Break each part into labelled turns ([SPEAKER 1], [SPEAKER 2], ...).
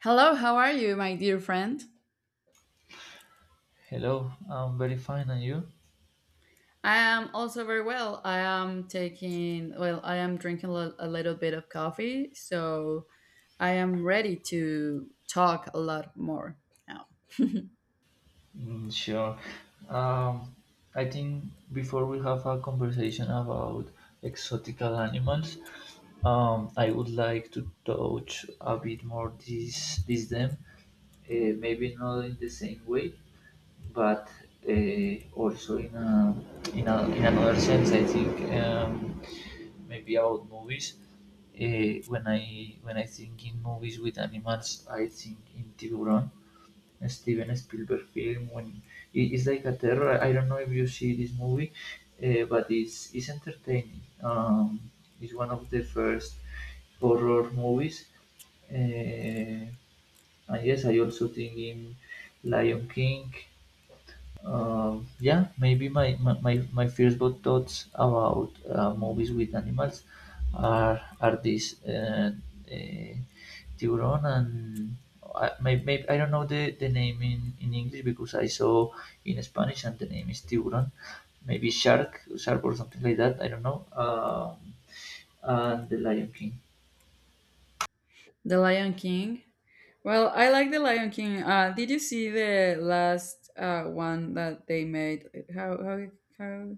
[SPEAKER 1] Hello, how are you, my dear friend?
[SPEAKER 2] Hello, I'm very fine, and you?
[SPEAKER 1] I am also very well. I am taking, well, I am drinking a little bit of coffee, so I am ready to talk a lot more now.
[SPEAKER 2] Mm, sure. Um, I think before we have a conversation about exotical animals, I would like to touch a bit more this them, maybe not in the same way, but also in another sense. I think maybe about movies. When I think in movies with animals, I think in Tiburon. Steven Spielberg film when it's like a terror. I don't know if you see this movie, but it's entertaining. It's one of the first horror movies. Uh, and yes, I also think in Lion King. Yeah, maybe my first thoughts about movies with animals are these uh, Tiburon and maybe I don't know the name in English because I saw in Spanish and the name is Tiburon, maybe Shark or something like that. I don't know. And the Lion King.
[SPEAKER 1] The Lion King. Well, I like The Lion King. Did you see the last one that they made? How, how, how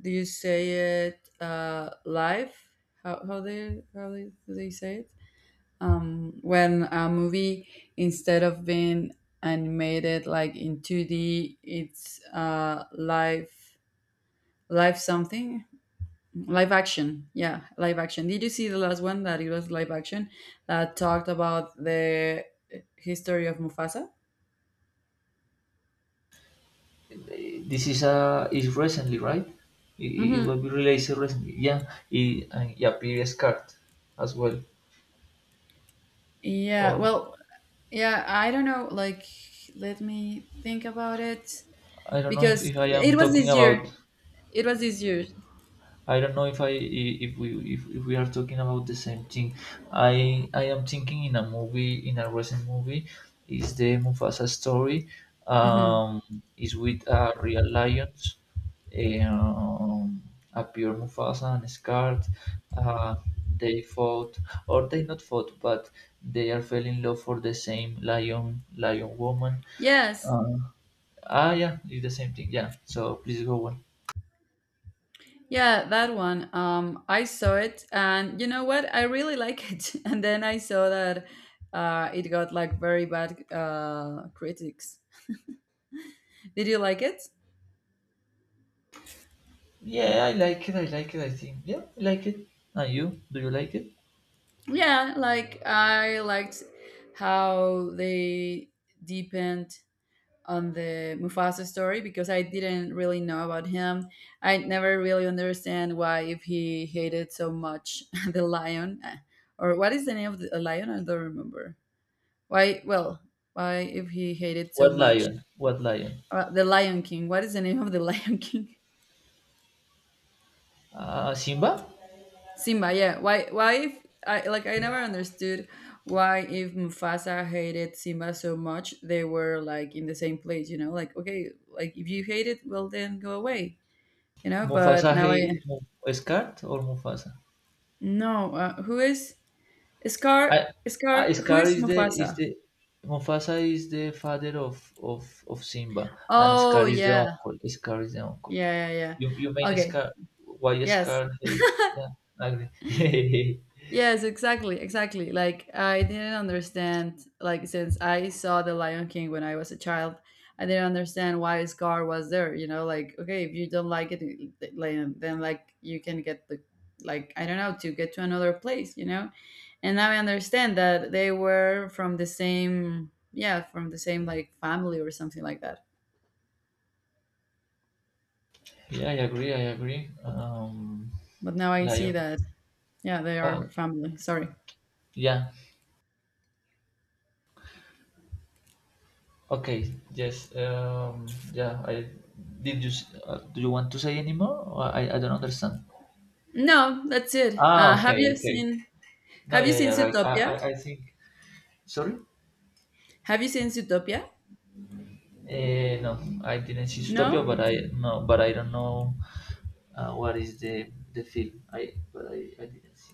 [SPEAKER 1] do you say it? Live? Do they say it? When a movie instead of being animated like in 2D, it's live live something, live action. Yeah, live action. Did you see the last one that it was live action, that talked about the history of Mufasa?
[SPEAKER 2] This is recently, right? It
[SPEAKER 1] Hmm.
[SPEAKER 2] will be released recently. Yeah, and yeah, previous card as well.
[SPEAKER 1] Yeah,
[SPEAKER 2] Or
[SPEAKER 1] well, yeah, I don't know, like, let me think about it
[SPEAKER 2] I don't know if,
[SPEAKER 1] because
[SPEAKER 2] if I am
[SPEAKER 1] it was
[SPEAKER 2] talking
[SPEAKER 1] this year.
[SPEAKER 2] about.
[SPEAKER 1] It was this year.
[SPEAKER 2] I don't know if I if we are talking about the same thing. I am thinking in a recent movie is the Mufasa story.
[SPEAKER 1] Hmm.
[SPEAKER 2] Um, is with a real lions, um, a pure Mufasa and Scar. Uh, they fought or they not fought, but they are fell in love for the same lion woman.
[SPEAKER 1] Yes.
[SPEAKER 2] Uh, yeah, it's the same thing. Yeah. So please go on.
[SPEAKER 1] Yeah, that one. I saw it, and you know what? I really like it. And then I saw that it got like very bad critics. Did you like it?
[SPEAKER 2] Yeah, I like it. I like it. I think. Yeah, I like it. And you? Do you like it?
[SPEAKER 1] Yeah, like I liked how they deepened on the Mufasa story because I didn't really know about him. I never really understand why if he hated so much the lion or what is the name of the a lion? I don't remember. Why? Well, why if he hated so
[SPEAKER 2] What
[SPEAKER 1] much
[SPEAKER 2] lion? What lion?
[SPEAKER 1] the Lion King? What is the name of the Lion King?
[SPEAKER 2] Simba?
[SPEAKER 1] Simba. Yeah. Why? Why if I like I never understood why if Mufasa hated Simba so much, they were like in the same place. You know, like okay, like if you hate it, well then go away. You know.
[SPEAKER 2] Mufasa?
[SPEAKER 1] But now
[SPEAKER 2] Hey,
[SPEAKER 1] I
[SPEAKER 2] Scar or Mufasa?
[SPEAKER 1] no. Who is
[SPEAKER 2] I,
[SPEAKER 1] Scar?
[SPEAKER 2] I
[SPEAKER 1] Scar. Who
[SPEAKER 2] Scar
[SPEAKER 1] is
[SPEAKER 2] is
[SPEAKER 1] Mufasa?
[SPEAKER 2] the Mufasa is the father of Simba, and Scar
[SPEAKER 1] Oh
[SPEAKER 2] is the
[SPEAKER 1] yeah,
[SPEAKER 2] uncle. Scar is the uncle.
[SPEAKER 1] yeah, yeah,
[SPEAKER 2] You
[SPEAKER 1] yeah.
[SPEAKER 2] mean Scar?
[SPEAKER 1] Okay.
[SPEAKER 2] Why
[SPEAKER 1] Yes.
[SPEAKER 2] Scar hate? Yeah, I agree.
[SPEAKER 1] Yes, exactly, exactly. Like I didn't understand like since I saw The Lion King when I was a child, I didn't understand why Scar was there, you know, like okay, if you don't like it, like you can get the, like I don't know, to get to another place, you know? And now I understand that they were from the same, yeah, from the same like family or something like that.
[SPEAKER 2] Yeah, I agree. I agree.
[SPEAKER 1] But now I see
[SPEAKER 2] Lion.
[SPEAKER 1] that yeah, they
[SPEAKER 2] Ah,
[SPEAKER 1] are family. Sorry.
[SPEAKER 2] yeah. Okay, yes. Yeah, I did you s- do you want to say anymore? Or I don't understand.
[SPEAKER 1] No, that's it. Have
[SPEAKER 2] Okay,
[SPEAKER 1] you
[SPEAKER 2] okay.
[SPEAKER 1] seen,
[SPEAKER 2] No,
[SPEAKER 1] have you
[SPEAKER 2] yeah,
[SPEAKER 1] seen
[SPEAKER 2] yeah, right. I
[SPEAKER 1] Zootopia?
[SPEAKER 2] I, I think. Sorry?
[SPEAKER 1] Have you seen Zootopia?
[SPEAKER 2] No, I didn't see Zootopia, but
[SPEAKER 1] No?
[SPEAKER 2] I no, but I don't know what is the film. I But I didn't see.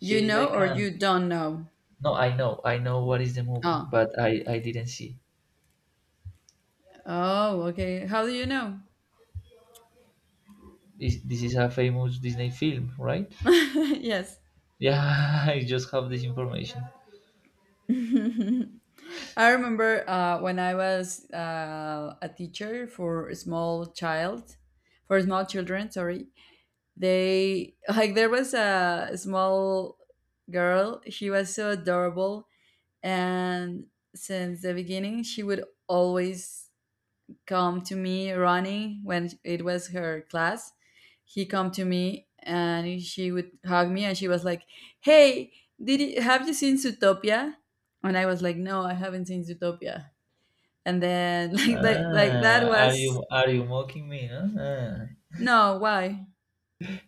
[SPEAKER 1] You
[SPEAKER 2] She's
[SPEAKER 1] know
[SPEAKER 2] like
[SPEAKER 1] or you
[SPEAKER 2] an
[SPEAKER 1] don't know?
[SPEAKER 2] No, I know what is the movie,
[SPEAKER 1] Oh.
[SPEAKER 2] but I didn't see.
[SPEAKER 1] Oh, okay. How do you know?
[SPEAKER 2] This is a famous Disney film, right?
[SPEAKER 1] Yes.
[SPEAKER 2] Yeah, I just have this information.
[SPEAKER 1] I remember when I was a teacher for a small child, for small children, sorry. They, like, there was a small girl. She was so adorable. And since the beginning, she would always come to me running when it was her class. He come to me and she would hug me and she was like, "Hey, did you, have you seen Zootopia?" And I was like, "No, I haven't seen Zootopia." And then like that
[SPEAKER 2] Are
[SPEAKER 1] was
[SPEAKER 2] you are you mocking me? No, ah.
[SPEAKER 1] no, why?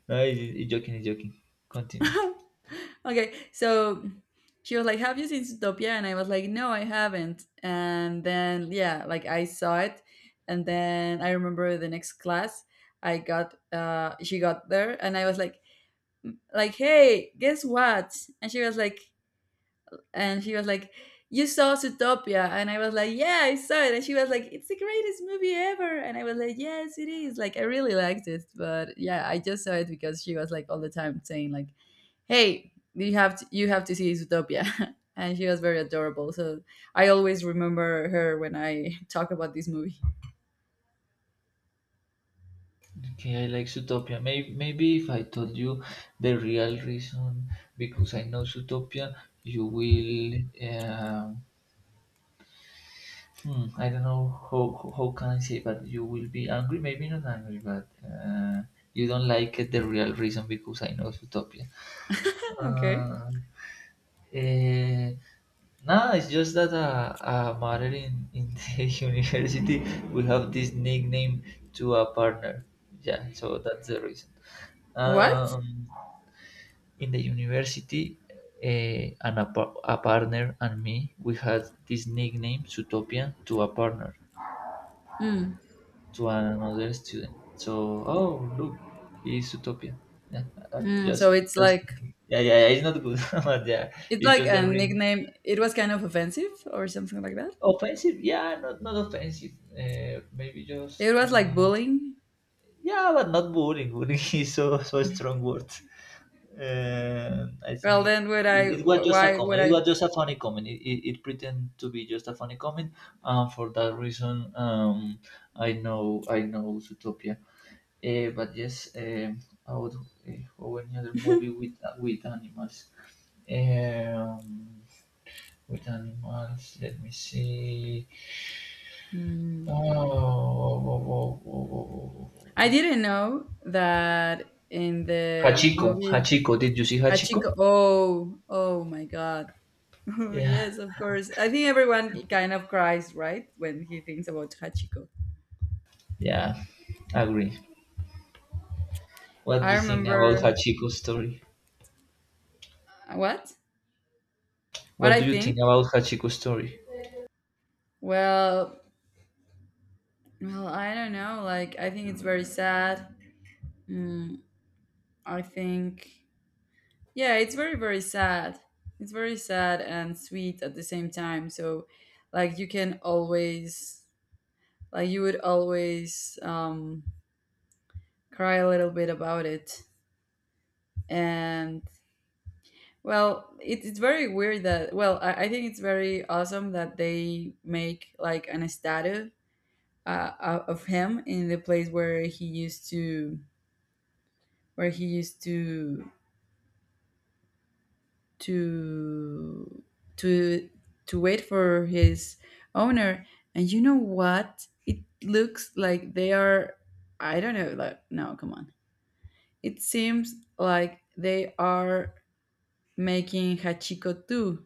[SPEAKER 2] No, it's, joking, it's joking. Continue.
[SPEAKER 1] Okay, so she was like, "Have you seen Zootopia?" And I was like, "No, I haven't." And then yeah, like I saw it, and then I remember the next class, I got she got there, and I was like, "Hey, guess what?" And she was like, and she was like, "You saw Zootopia?" And I was like, "Yeah, I saw it." And she was like, "It's the greatest movie ever." And I was like, "Yes, it is." Like, I really liked it, but yeah, I just saw it because she was like all the time saying like, "Hey, you have to see Zootopia." And she was very adorable, so I always remember her when I talk about this movie.
[SPEAKER 2] Okay, I like Zootopia. Maybe if I told you the real reason, because I know Zootopia, you will. Uh, I don't know how can I say, but you will be angry. Maybe not angry, but you don't like it. The real reason, because I know Zootopia.
[SPEAKER 1] Okay.
[SPEAKER 2] Uh, eh. Nah, it's just that matter in the university we have this nickname to a partner. Yeah, so that's the reason.
[SPEAKER 1] What?
[SPEAKER 2] Um, in the university, and a partner and me, we had this nickname Zootopia to a partner
[SPEAKER 1] Mm.
[SPEAKER 2] to another student. So, oh look, he is Zootopia. Yeah, uh,
[SPEAKER 1] Mm.
[SPEAKER 2] just
[SPEAKER 1] So it's
[SPEAKER 2] just
[SPEAKER 1] like,
[SPEAKER 2] yeah, yeah, yeah, it's not good, but yeah,
[SPEAKER 1] it's
[SPEAKER 2] it's
[SPEAKER 1] like
[SPEAKER 2] just
[SPEAKER 1] a
[SPEAKER 2] the reason.
[SPEAKER 1] nickname. It was kind of offensive or something like that.
[SPEAKER 2] Offensive? Yeah, not offensive. Maybe just
[SPEAKER 1] It was like bullying.
[SPEAKER 2] yeah, but not boring. Boring is so a strong word. I think
[SPEAKER 1] Well,
[SPEAKER 2] it,
[SPEAKER 1] then would
[SPEAKER 2] it
[SPEAKER 1] I?
[SPEAKER 2] it was just a
[SPEAKER 1] Why would
[SPEAKER 2] comment. It
[SPEAKER 1] I?
[SPEAKER 2] was just a funny comment. It pretended to be just a funny comment, and for that reason, I know Zootopia. But yes, I would or any other movie with animals. Um, with animals, let me see.
[SPEAKER 1] Hmm.
[SPEAKER 2] Oh, oh, oh, oh, oh,
[SPEAKER 1] I
[SPEAKER 2] oh.
[SPEAKER 1] didn't know that in the
[SPEAKER 2] Hachiko,
[SPEAKER 1] movie
[SPEAKER 2] Hachiko. Did you see
[SPEAKER 1] Hachiko.
[SPEAKER 2] Hachiko?
[SPEAKER 1] Oh, oh my god. Oh,
[SPEAKER 2] Yeah,
[SPEAKER 1] yes, of course. I think everyone kind of cries, right, when he thinks about Hachiko.
[SPEAKER 2] yeah, agree. What do
[SPEAKER 1] I
[SPEAKER 2] you think about
[SPEAKER 1] remember
[SPEAKER 2] Hachiko's story?
[SPEAKER 1] what? What
[SPEAKER 2] What
[SPEAKER 1] I
[SPEAKER 2] do you think
[SPEAKER 1] think?
[SPEAKER 2] about Hachiko's story?
[SPEAKER 1] Well, well, I don't know. Like, I think it's very sad. Mm, I think yeah, it's very, very sad. It's very sad and sweet at the same time. So, like, you can always, like, you would always cry a little bit about it. And, well, it, it's very weird that, well, I think it's very awesome that they make, like, an statue of him in the place where he used to, where he used to to to wait for his owner. And you know what, it looks like they are, I don't know, like, no, come on. It seems like they are making Hachiko too.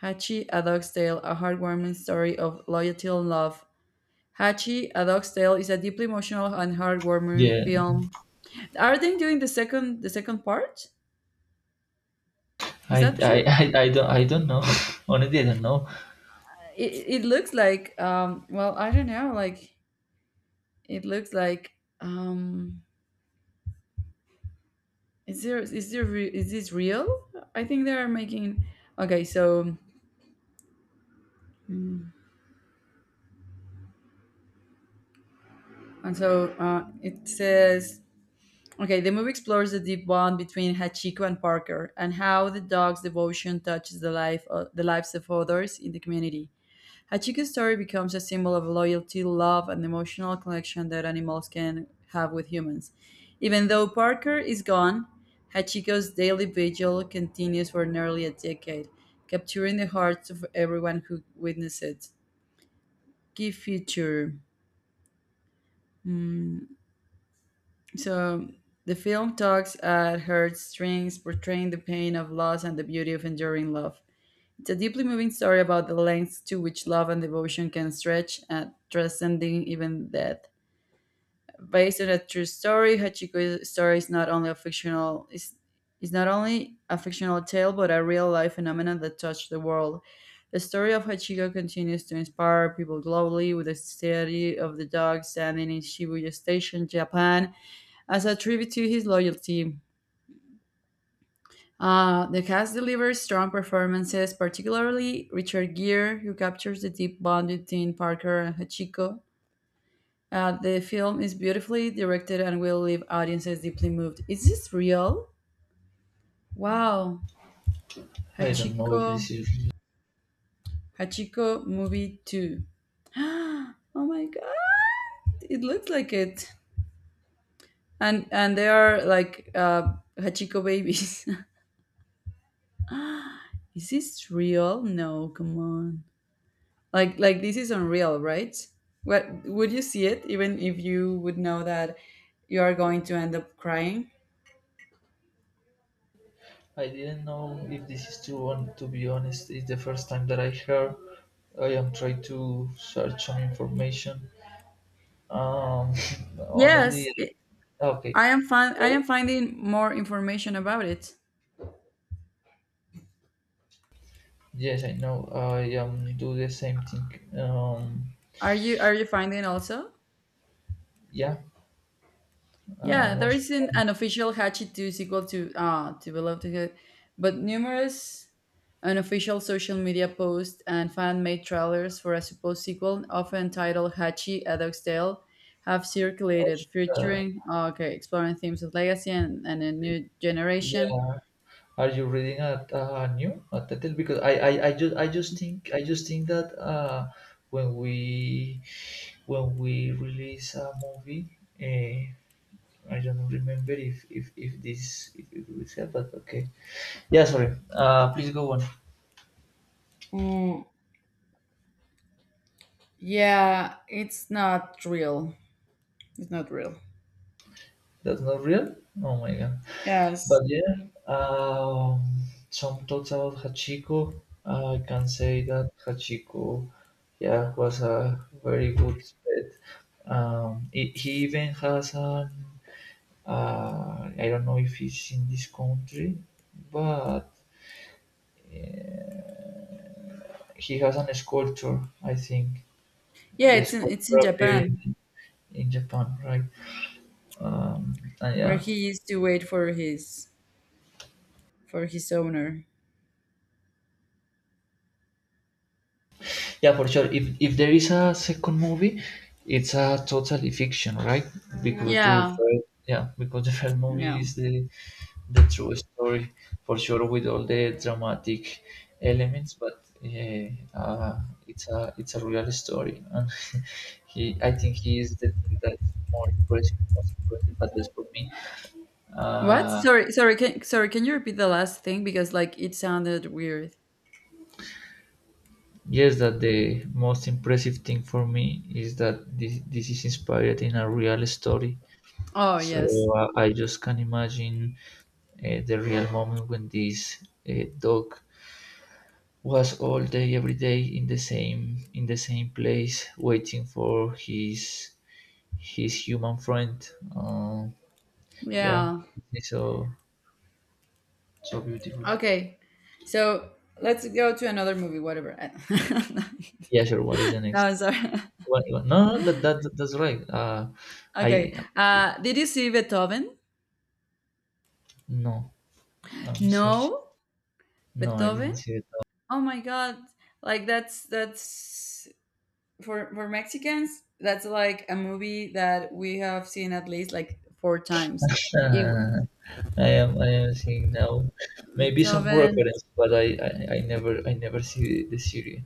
[SPEAKER 1] Hachi: A Dog's Tale, a heartwarming story of loyalty and love. Hachi: A Dog's Tale is a deeply emotional and heartwarming
[SPEAKER 2] Yeah,
[SPEAKER 1] film. Are they doing the second, the second part? Is
[SPEAKER 2] I,
[SPEAKER 1] that
[SPEAKER 2] I,
[SPEAKER 1] true?
[SPEAKER 2] I, I don't, I don't know. Honestly, I don't know.
[SPEAKER 1] It looks like, well, I don't know, like, it looks like, um is there, is this real? I think they are making, okay. So, mm, and so it says, okay. The movie explores the deep bond between Hachiko and Parker and how the dog's devotion touches the life of, the lives of others in the community. A chicken story becomes a symbol of loyalty, love, and emotional connection that animals can have with humans. Even though Parker is gone, Hachiko's daily vigil continues for nearly a decade, capturing the hearts of everyone who witnessed it. Key feature. So, the film tugs at heartstrings, portraying the pain of loss and the beauty of enduring love. It's a deeply moving story about the lengths to which love and devotion can stretch, and transcending even death. Based on a true story. Hachiko's story is not only a fictional is not only a fictional tale but a real life phenomenon that touched the world. The story of Hachiko continues to inspire people globally with the study of the dog standing in Shibuya Station, Japan, as a tribute to his loyalty. The cast delivers strong performances, particularly Richard Gere, who captures the deep bond between Parker and Hachiko. The film is beautifully directed and will leave audiences deeply moved. Is this real? Wow.
[SPEAKER 2] I don't know
[SPEAKER 1] Hachiko,
[SPEAKER 2] if this is.
[SPEAKER 1] Hachiko movie 2. Oh my god, it looks like it. And they are like Hachiko babies. Is this real? No, come on. Like this is unreal, right? What, would you see it even if you would know that you are going to end up crying?
[SPEAKER 2] I didn't know if this is true. On to be honest, it's the first time that I heard. I am trying to search some information. Um,
[SPEAKER 1] Yes,
[SPEAKER 2] honestly,
[SPEAKER 1] it-
[SPEAKER 2] okay.
[SPEAKER 1] I am fin- I am finding more information about it.
[SPEAKER 2] Yes, I know. I do the same thing. Um,
[SPEAKER 1] Are you, are you finding also?
[SPEAKER 2] yeah,
[SPEAKER 1] Yeah,
[SPEAKER 2] I'm
[SPEAKER 1] there
[SPEAKER 2] also,
[SPEAKER 1] is isn't an official Hachi 2 sequel to Below the Hood, but numerous unofficial social media posts and fan-made trailers for a supposed sequel, often titled Hachi: A Dog's Tale, have circulated,
[SPEAKER 2] also uh,
[SPEAKER 1] featuring okay, exploring themes of legacy and a new generation.
[SPEAKER 2] yeah. Are you reading a new a title? Because I just think that when we release a movie, I don't remember if this if it was here, but okay. Yeah, sorry. Please go on.
[SPEAKER 1] Mm, yeah, it's not real. It's not real.
[SPEAKER 2] That's not real. Oh my god.
[SPEAKER 1] Yes.
[SPEAKER 2] But yeah, um, some thoughts about Hachiko. I can say that Hachiko, yeah, was a very good pet. He even has I don't know if it's in this country, but he has an sculpture, I think.
[SPEAKER 1] Yeah,
[SPEAKER 2] The
[SPEAKER 1] it's in, it's
[SPEAKER 2] sculpture
[SPEAKER 1] in
[SPEAKER 2] appeared
[SPEAKER 1] Japan
[SPEAKER 2] in Japan, right? And
[SPEAKER 1] where
[SPEAKER 2] yeah,
[SPEAKER 1] he used to wait for his, for his owner.
[SPEAKER 2] yeah, for sure. If there is a second movie, it's a totally fiction, right? Yeah. Because yeah. The
[SPEAKER 1] Yeah,
[SPEAKER 2] first, yeah, because the first movie
[SPEAKER 1] yeah.
[SPEAKER 2] is the true story for sure with all the dramatic elements, but yeah, uh, it's a real story, and he I think he is the thing that's more impressive, most impressive at least for me.
[SPEAKER 1] What?
[SPEAKER 2] Uh,
[SPEAKER 1] Sorry, sorry. Can you repeat the last thing because like it sounded weird.
[SPEAKER 2] yes, that the most impressive thing for me is that this is inspired in a real story.
[SPEAKER 1] Oh
[SPEAKER 2] So
[SPEAKER 1] yes,
[SPEAKER 2] I just can imagine the real moment when this dog was all day, every day in the same place, waiting for his human friend. Uh, yeah,
[SPEAKER 1] yeah.
[SPEAKER 2] it's so so beautiful.
[SPEAKER 1] Okay, so let's go to another movie. Whatever. No,
[SPEAKER 2] Yeah, sure. What is the next?
[SPEAKER 1] I'm sorry.
[SPEAKER 2] No, no, that, that's right. I
[SPEAKER 1] Okay. Did you see Beethoven?
[SPEAKER 2] No, I'm sorry.
[SPEAKER 1] No,
[SPEAKER 2] No, I didn't
[SPEAKER 1] Beethoven.
[SPEAKER 2] see
[SPEAKER 1] Oh my god! Like that's for Mexicans. That's like a movie that we have seen at least like four times.
[SPEAKER 2] it.
[SPEAKER 1] It
[SPEAKER 2] I am seeing now, maybe some
[SPEAKER 1] Beethoven.
[SPEAKER 2] reference, but I never see the series.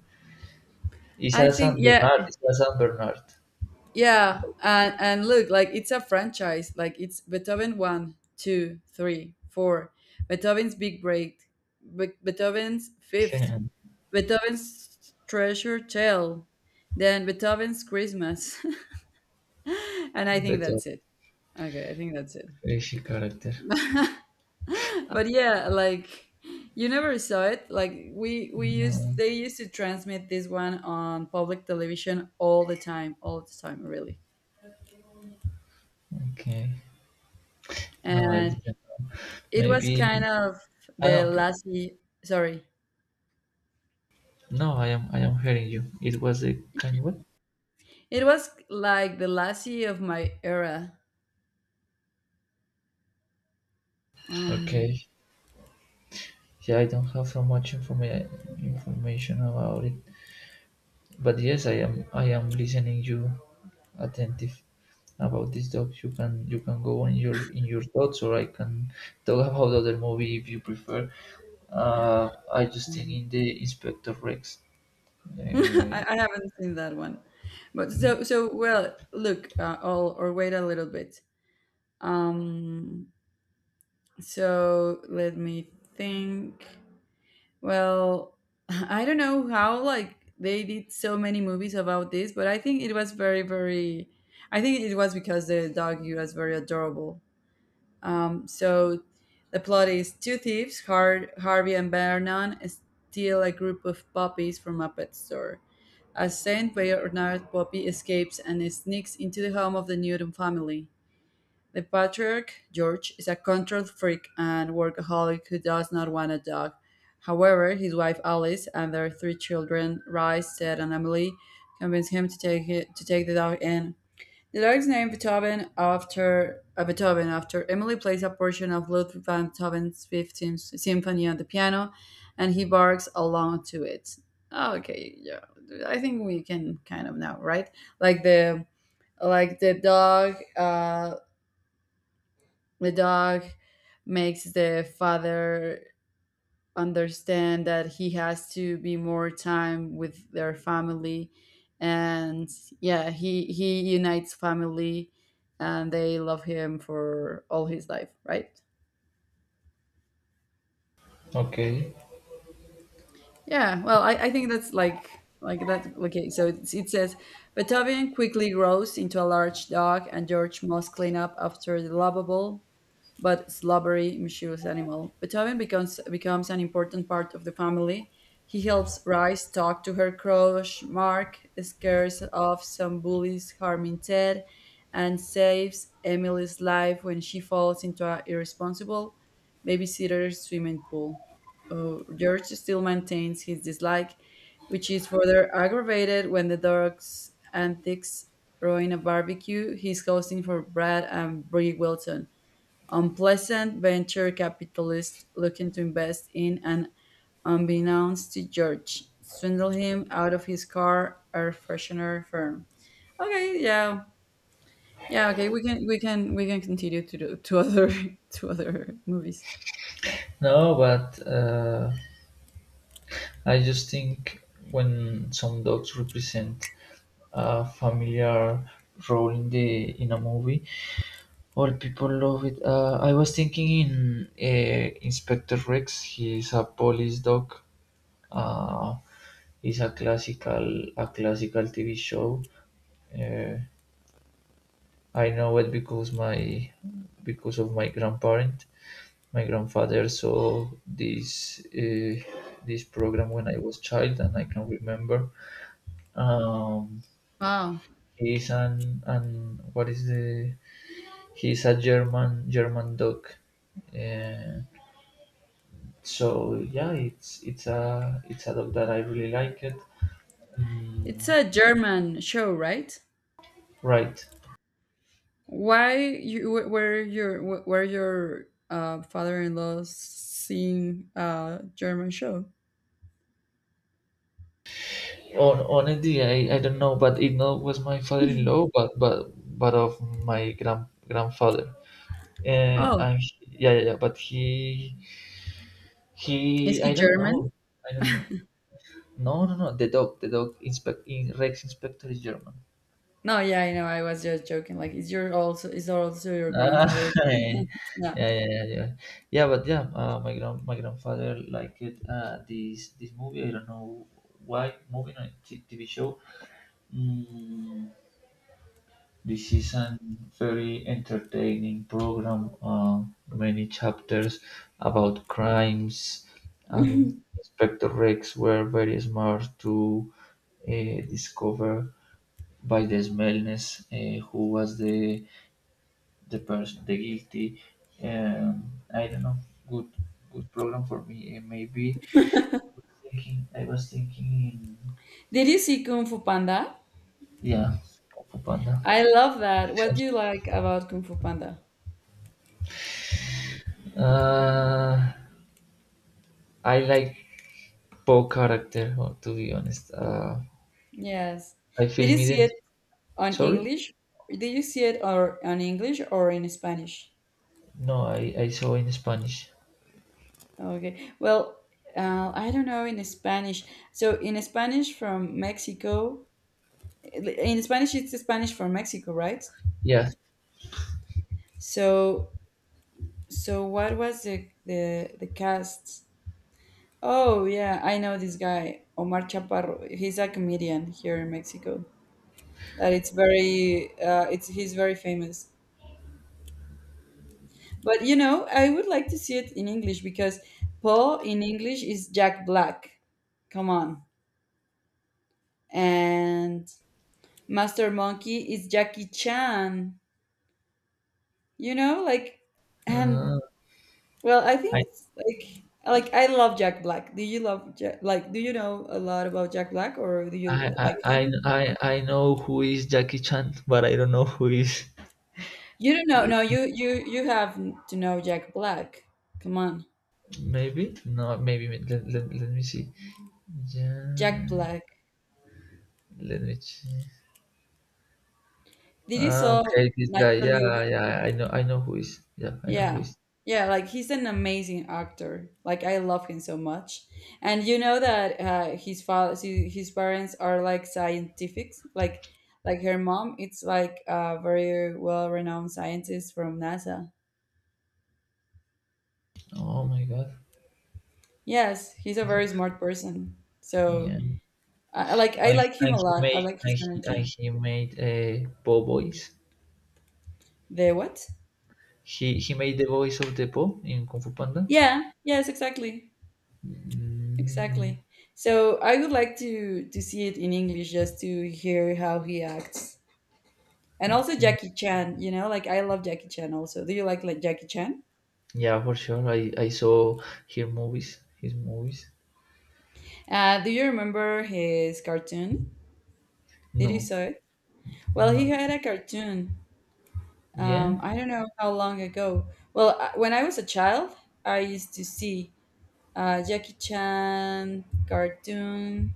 [SPEAKER 2] Isa
[SPEAKER 1] I
[SPEAKER 2] San
[SPEAKER 1] think yeah,
[SPEAKER 2] Bernard, Isa San Bernard.
[SPEAKER 1] yeah, and look, like it's a franchise. Like it's Beethoven one, two, three, four. Beethoven's Big Break, Beethoven's Fifth, Beethoven's Treasure Tale, then Beethoven's Christmas, and I think
[SPEAKER 2] Better
[SPEAKER 1] that's it. Okay, I think that's it.
[SPEAKER 2] fishy character.
[SPEAKER 1] But yeah, like you never saw it. Like we used
[SPEAKER 2] No,
[SPEAKER 1] they used to transmit this one on public television all the time, really.
[SPEAKER 2] okay. No, I
[SPEAKER 1] And
[SPEAKER 2] didn't.
[SPEAKER 1] it was kind
[SPEAKER 2] Maybe
[SPEAKER 1] of
[SPEAKER 2] I
[SPEAKER 1] the
[SPEAKER 2] don't.
[SPEAKER 1] Lassie. Sorry,
[SPEAKER 2] No, I am hearing you. It was a kind word.
[SPEAKER 1] it was like the Lassie of my era. Um,
[SPEAKER 2] Okay. Yeah, I don't have so much information about it, but yes, I am listening you attentive. About this doc. You can go in your thoughts, or I can talk about other movie if you prefer. I just think
[SPEAKER 1] mm.
[SPEAKER 2] in the Inspector Rex. Uh,
[SPEAKER 1] I haven't seen that one, but so so well. Look, I'll or wait a little bit. Um, so let me think. Well, I don't know how like they did so many movies about this, but I think it was very very. I think it was because the dog was very adorable. So the plot is two thieves, Harvey and Vernon, steal a group of puppies from a pet store. A Saint Bernard puppy escapes and sneaks into the home of the Newton family. The patriarch, George, is a control freak and workaholic who does not want a dog. However, his wife Alice and their three children, Rice, Ted, and Emily, convince him to take, it, to take the dog in. The lyrics named Beethoven after Emily plays a portion of Ludwig van Beethoven's 15th symphony on the piano, and he barks along to it. Oh, okay, yeah, I think we can kind of know, right? Like the like the dog, the dog makes the father understand that he has to be more time with their family and yeah, he unites family, and they love him for all his life, right?
[SPEAKER 2] okay,
[SPEAKER 1] Yeah, well, I think that's like that. Okay, so it's, it says Batavian quickly grows into a large dog, and George must clean up after the lovable but slobbery mischievous animal. Batavian becomes an important part of the family. He helps Rice talk to her crush Mark, scares off some bullies harming Ted, and saves Emily's life when she falls into an irresponsible babysitter's swimming pool. George still maintains his dislike, which is further aggravated when the dog's antics ruin a barbecue he's hosting for Brad and Brie Wilson, unpleasant venture capitalists looking to invest in and, unbeknownst to George, swindle him out of his car air freshener firm. Okay, yeah. Yeah, okay, we can continue to do, to other to other movies.
[SPEAKER 2] no, but I just think when some dogs represent a familiar role in a movie, all people love it. I was thinking in Inspector Rex. He's a police dog uh, is a classical TV show. Uh, I know it because my because of my grandparent, my grandfather saw this program when I was child, and I can remember. Um,
[SPEAKER 1] Wow.
[SPEAKER 2] he's an what is the He's a German dog. Uh, so yeah, it's a dog that I really like it.
[SPEAKER 1] It's
[SPEAKER 2] Mm,
[SPEAKER 1] a German show, right?
[SPEAKER 2] right.
[SPEAKER 1] Why you wh- were your father-in-law seeing a German show?
[SPEAKER 2] Honestly, I don't know, but it not was my father-in-law, but of my grandfather. Uh,
[SPEAKER 1] Oh,
[SPEAKER 2] and he, yeah, yeah, yeah, but he
[SPEAKER 1] is
[SPEAKER 2] he
[SPEAKER 1] he
[SPEAKER 2] I don't
[SPEAKER 1] German?
[SPEAKER 2] know, I don't know. No, no, no. The dog, Rex Inspector is German.
[SPEAKER 1] No, yeah, I know. I was just joking. Like, is also your
[SPEAKER 2] Ah,
[SPEAKER 1] grandfather
[SPEAKER 2] yeah,
[SPEAKER 1] German? No.
[SPEAKER 2] yeah, yeah, yeah, yeah. But yeah, my grandfather liked it, this movie. I don't know why movie, no, TV show. Mm, This is a very entertaining program, many chapters about crimes, and Inspector Rex were very smart to discover by the smellness who was the person, the guilty. I don't know. Good, good program for me. Maybe thinking. I was thinking.
[SPEAKER 1] Did you see Kung Fu Panda?
[SPEAKER 2] Yeah, Panda.
[SPEAKER 1] I love that. What do you like about Kung Fu Panda?
[SPEAKER 2] Uh, I like Poe character, to be honest.
[SPEAKER 1] Yes.
[SPEAKER 2] I
[SPEAKER 1] Did
[SPEAKER 2] feel
[SPEAKER 1] you see
[SPEAKER 2] ident.
[SPEAKER 1] it on
[SPEAKER 2] Sorry?
[SPEAKER 1] English? Did you see it or on English or in Spanish?
[SPEAKER 2] No, I saw in Spanish.
[SPEAKER 1] Okay. Well, I don't know in Spanish. So in Spanish from Mexico, in Spanish it's Spanish from Mexico, right?
[SPEAKER 2] Yeah.
[SPEAKER 1] So so what was the cast? Oh yeah, I know this guy Omar Chaparro. He's a comedian here in Mexico. That it's very it's he's very famous. But you know, I would like to see it in English because Paul in English is Jack Black. Come on. And Master Monkey is Jackie Chan. You know, like, and
[SPEAKER 2] Uh,
[SPEAKER 1] well, I
[SPEAKER 2] I,
[SPEAKER 1] think it's like I love Jack Black. Do you love Jack, like? Do you know a lot about Jack Black, or do
[SPEAKER 2] I,
[SPEAKER 1] you
[SPEAKER 2] I,
[SPEAKER 1] like
[SPEAKER 2] I,
[SPEAKER 1] him?
[SPEAKER 2] I I know who is Jackie Chan, but I don't know who is.
[SPEAKER 1] You don't know.
[SPEAKER 2] Like,
[SPEAKER 1] No, you have to know Jack Black. Come on,
[SPEAKER 2] maybe? No, maybe. Let me see.
[SPEAKER 1] Jack
[SPEAKER 2] Ja-
[SPEAKER 1] Black.
[SPEAKER 2] Let me check.
[SPEAKER 1] Did you saw
[SPEAKER 2] Okay, this guy. Yeah,
[SPEAKER 1] Naturally?
[SPEAKER 2] yeah, I know who is. Yeah, I know who
[SPEAKER 1] Yeah.
[SPEAKER 2] is.
[SPEAKER 1] Yeah, like he's an amazing actor. Like I love him so much. And you know that his parents are like scientifics. Like her mom, it's like a very well-renowned scientist from NASA.
[SPEAKER 2] Oh my God.
[SPEAKER 1] Yes, he's a very smart person.
[SPEAKER 2] Yeah,
[SPEAKER 1] So
[SPEAKER 2] and,
[SPEAKER 1] I like I
[SPEAKER 2] and
[SPEAKER 1] like him a
[SPEAKER 2] he
[SPEAKER 1] lot. I
[SPEAKER 2] made
[SPEAKER 1] like his
[SPEAKER 2] and
[SPEAKER 1] energy.
[SPEAKER 2] he made a Poe voice.
[SPEAKER 1] The what?
[SPEAKER 2] He made the voice of the Po in Kung Fu Panda.
[SPEAKER 1] Yeah, yes, exactly.
[SPEAKER 2] Mm,
[SPEAKER 1] Exactly. So I would like to see it in English just to hear how he acts. And also
[SPEAKER 2] okay.
[SPEAKER 1] Jackie Chan, you know, like I love Jackie Chan also. Do you like Jackie Chan?
[SPEAKER 2] Yeah, for sure. I saw her movies. His movies.
[SPEAKER 1] Do you remember his cartoon? Did you
[SPEAKER 2] No,
[SPEAKER 1] saw it? Well,
[SPEAKER 2] no.
[SPEAKER 1] he
[SPEAKER 2] No.
[SPEAKER 1] had a cartoon.
[SPEAKER 2] Yeah,
[SPEAKER 1] I don't know how long ago. Well, when I was a child, I used to see Jackie Chan cartoon.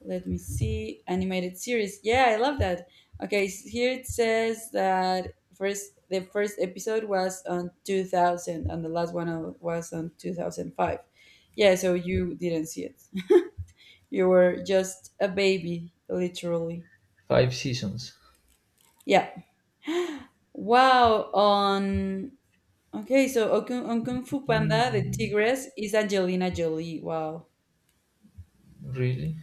[SPEAKER 1] Let me see animated series. Yeah, I love that. Okay, here it says that first the first episode was on 2000 and the last one was on 2005. Yeah, so you didn't see it. You were just a baby, literally.
[SPEAKER 2] five seasons.
[SPEAKER 1] Yeah. Wow. On, okay, so on Kung fu panda the
[SPEAKER 2] Mm,
[SPEAKER 1] tigress is angelina jolie. Wow.
[SPEAKER 2] really?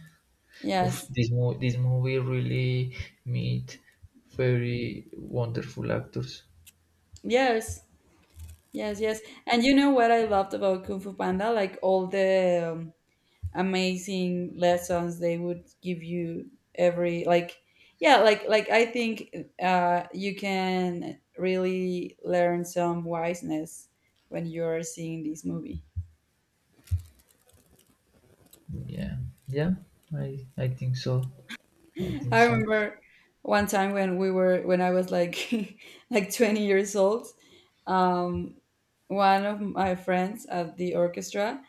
[SPEAKER 2] Of
[SPEAKER 1] Yes.
[SPEAKER 2] this movie really meet very wonderful actors.
[SPEAKER 1] Yes. Yes, yes. And you know what I loved about Kung Fu Panda? Like all the amazing lessons they would give you every like, yeah, like I think you can really learn some wiseness when you're seeing this movie.
[SPEAKER 2] Yeah, yeah. I think so. I think
[SPEAKER 1] I
[SPEAKER 2] so.
[SPEAKER 1] remember one time when we were when I was like like 20 years old, um, one of my friends at the orchestra,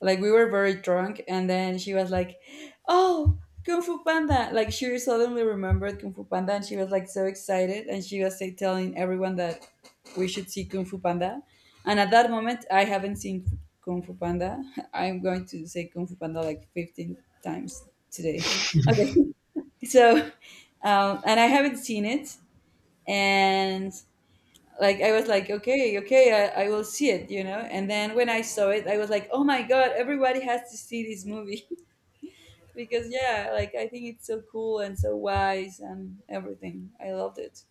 [SPEAKER 1] like we were very drunk, and then she was like, "Oh, Kung Fu Panda!" Like she suddenly remembered Kung Fu Panda, and she was like so excited, and she was like, telling everyone that we should see Kung Fu Panda. And at that moment, I haven't seen Kung Fu Panda. I'm going to say Kung Fu Panda like 15 times today. Okay, so and I haven't seen it. And like I was like, okay, okay, I will see it, you know. And then when I saw it, I was like, oh my god, everybody has to see this movie because yeah, like I think it's so cool and so wise and everything. I loved it.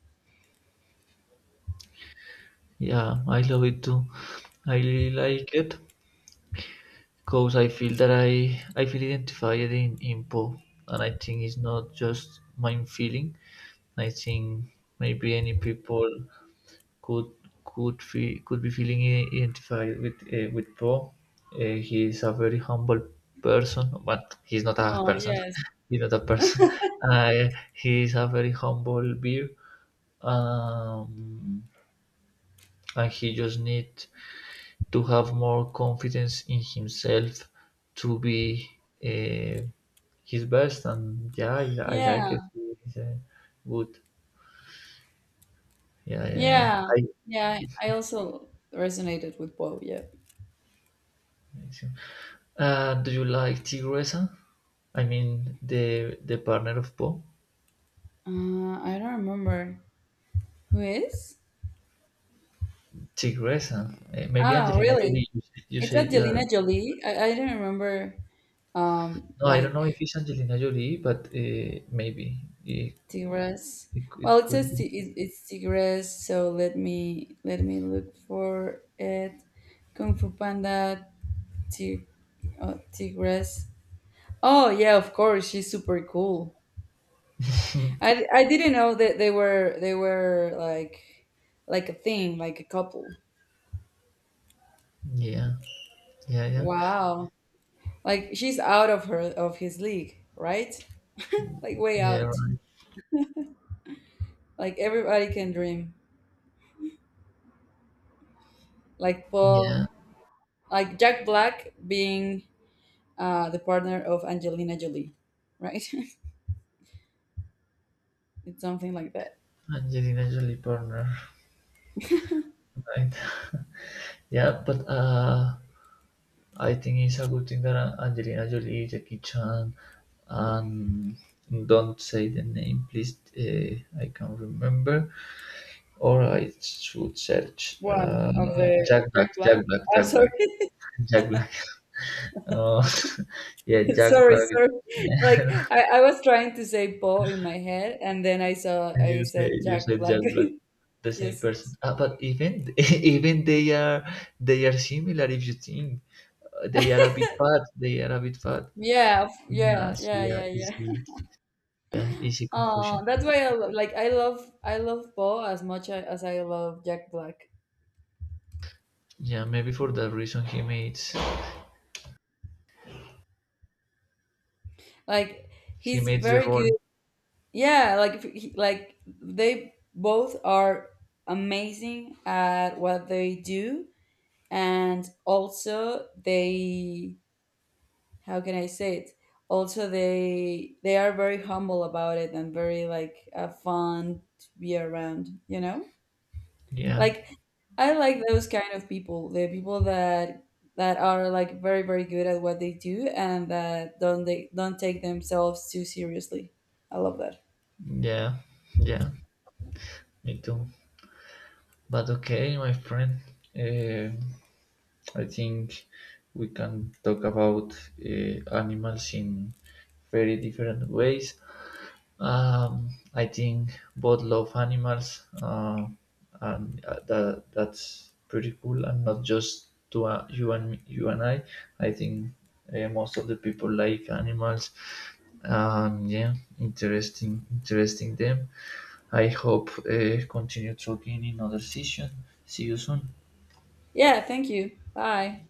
[SPEAKER 2] Yeah, I love it too. I really like it. Cause I feel that I feel identified in impo, and I think it's not just my feeling. I think maybe any people could could feel could be feeling identified with Po. He is a very humble person, but he's not a
[SPEAKER 1] Oh
[SPEAKER 2] person.
[SPEAKER 1] yes,
[SPEAKER 2] He's not a person. He is a very humble beer, um, and he just need to have more confidence in himself to be uh, his best, and yeah, I like it,
[SPEAKER 1] yeah,
[SPEAKER 2] it's good. Yeah, yeah, yeah.
[SPEAKER 1] yeah,
[SPEAKER 2] I,
[SPEAKER 1] yeah. I also resonated with Bo. Yeah,
[SPEAKER 2] do you like Tigresa? I mean the partner of Poe.
[SPEAKER 1] I don't remember who is.
[SPEAKER 2] Tigresa, maybe
[SPEAKER 1] Ah,
[SPEAKER 2] Angelina
[SPEAKER 1] really?
[SPEAKER 2] Jolie, you say, you
[SPEAKER 1] It's
[SPEAKER 2] say that.
[SPEAKER 1] Angelina Jolie. I don't remember
[SPEAKER 2] No, I don't know if
[SPEAKER 1] like
[SPEAKER 2] it's Angelina Jolie, but maybe it,
[SPEAKER 1] Tigres.
[SPEAKER 2] it
[SPEAKER 1] Well, it
[SPEAKER 2] could
[SPEAKER 1] says
[SPEAKER 2] be.
[SPEAKER 1] it's Tigres, so let me look for it. Kung Fu Panda Tig, Tigres. Oh yeah, of course, she's super cool. I didn't know that they were like a thing, like a couple.
[SPEAKER 2] Yeah, yeah, yeah,
[SPEAKER 1] Wow. Like she's out of her of his league, right? Like way
[SPEAKER 2] yeah,
[SPEAKER 1] out.
[SPEAKER 2] right.
[SPEAKER 1] Like everybody can dream. Like Paul,
[SPEAKER 2] Yeah,
[SPEAKER 1] like Jack Black being the partner of Angelina Jolie, right? It's something like that.
[SPEAKER 2] Angelina Jolie partner. Right. Yeah, but I think it's a good thing that Angelina Jolie, Jackie Chan, and don't say the name, please. I can't remember, or I should search
[SPEAKER 1] One of the of
[SPEAKER 2] Jack Black,
[SPEAKER 1] Jack Black.
[SPEAKER 2] Jack Black,
[SPEAKER 1] I'm
[SPEAKER 2] Jack
[SPEAKER 1] sorry,
[SPEAKER 2] Black, Jack Black. Uh, yeah, Jack Black.
[SPEAKER 1] sorry.
[SPEAKER 2] Yeah,
[SPEAKER 1] Like I was trying to say Poe in my head, and then I saw I said
[SPEAKER 2] you
[SPEAKER 1] Jack
[SPEAKER 2] said
[SPEAKER 1] Black.
[SPEAKER 2] Jack Black, the same
[SPEAKER 1] Yes.
[SPEAKER 2] person. But even even they are similar if you think. They are a bit fat. They are a bit fat.
[SPEAKER 1] Yeah,
[SPEAKER 2] So yeah,
[SPEAKER 1] yeah.
[SPEAKER 2] easy. Yeah, easy
[SPEAKER 1] Oh,
[SPEAKER 2] confusion.
[SPEAKER 1] that's why like I love Poe as much as I love Jack Black.
[SPEAKER 2] Yeah, maybe for that reason
[SPEAKER 1] Like
[SPEAKER 2] he
[SPEAKER 1] he's
[SPEAKER 2] made the
[SPEAKER 1] very
[SPEAKER 2] role.
[SPEAKER 1] good. Yeah, like if he- like they both are amazing at what they do, and also they, how can I say it? Also they are very humble about it and very like fun to be around, you know?
[SPEAKER 2] Yeah,
[SPEAKER 1] Like I like those kind of people, the people that are like very very good at what they do and that don't take themselves too seriously. I love that.
[SPEAKER 2] yeah, yeah. Me too. But okay, my friend. Uh, I think we can talk about animals in very different ways. I think both love animals, and that's pretty cool. And not just to you and me, you and I. I think most of the people like animals, and yeah, interesting, interesting them. I hope continue talking in other session. See you soon.
[SPEAKER 1] Yeah, thank you. Bye.